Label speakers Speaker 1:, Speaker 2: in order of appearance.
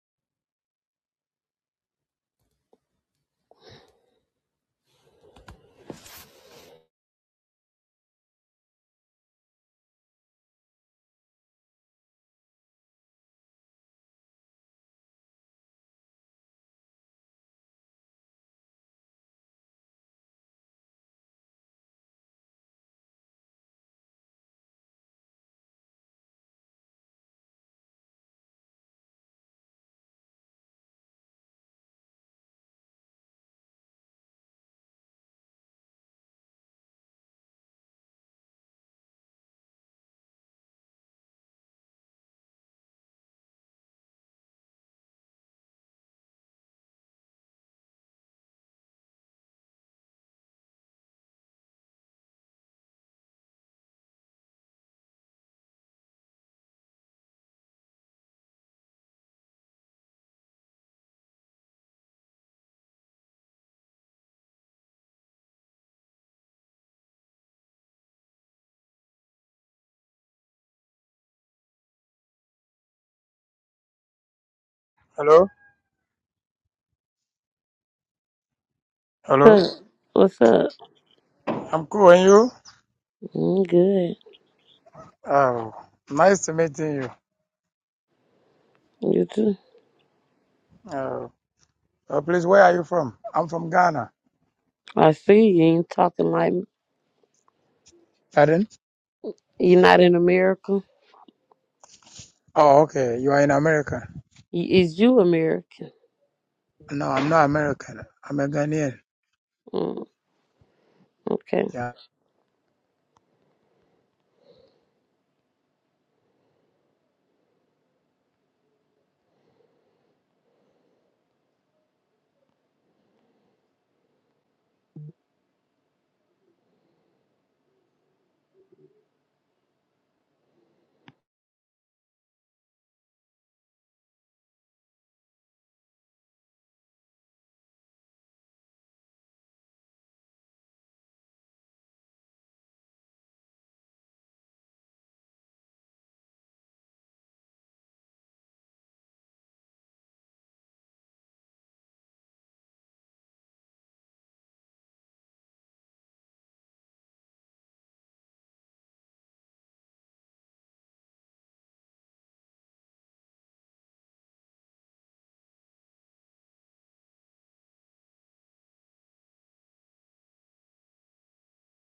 Speaker 1: Hello? Hello?
Speaker 2: What's up? What's up?
Speaker 1: I'm cool, and you?
Speaker 2: I'm good.
Speaker 1: Oh, nice to meeting you.
Speaker 2: You too.
Speaker 1: Oh, oh, please, where are you from? I'm from Ghana.
Speaker 2: I see you ain't talking like
Speaker 1: Pardon?
Speaker 2: you're not an American.
Speaker 1: Oh, okay. You are in America.
Speaker 2: Y- Is you American?
Speaker 1: No, I'm not American. I'm a Ghanaian.
Speaker 2: Mm, okay.
Speaker 1: Yeah.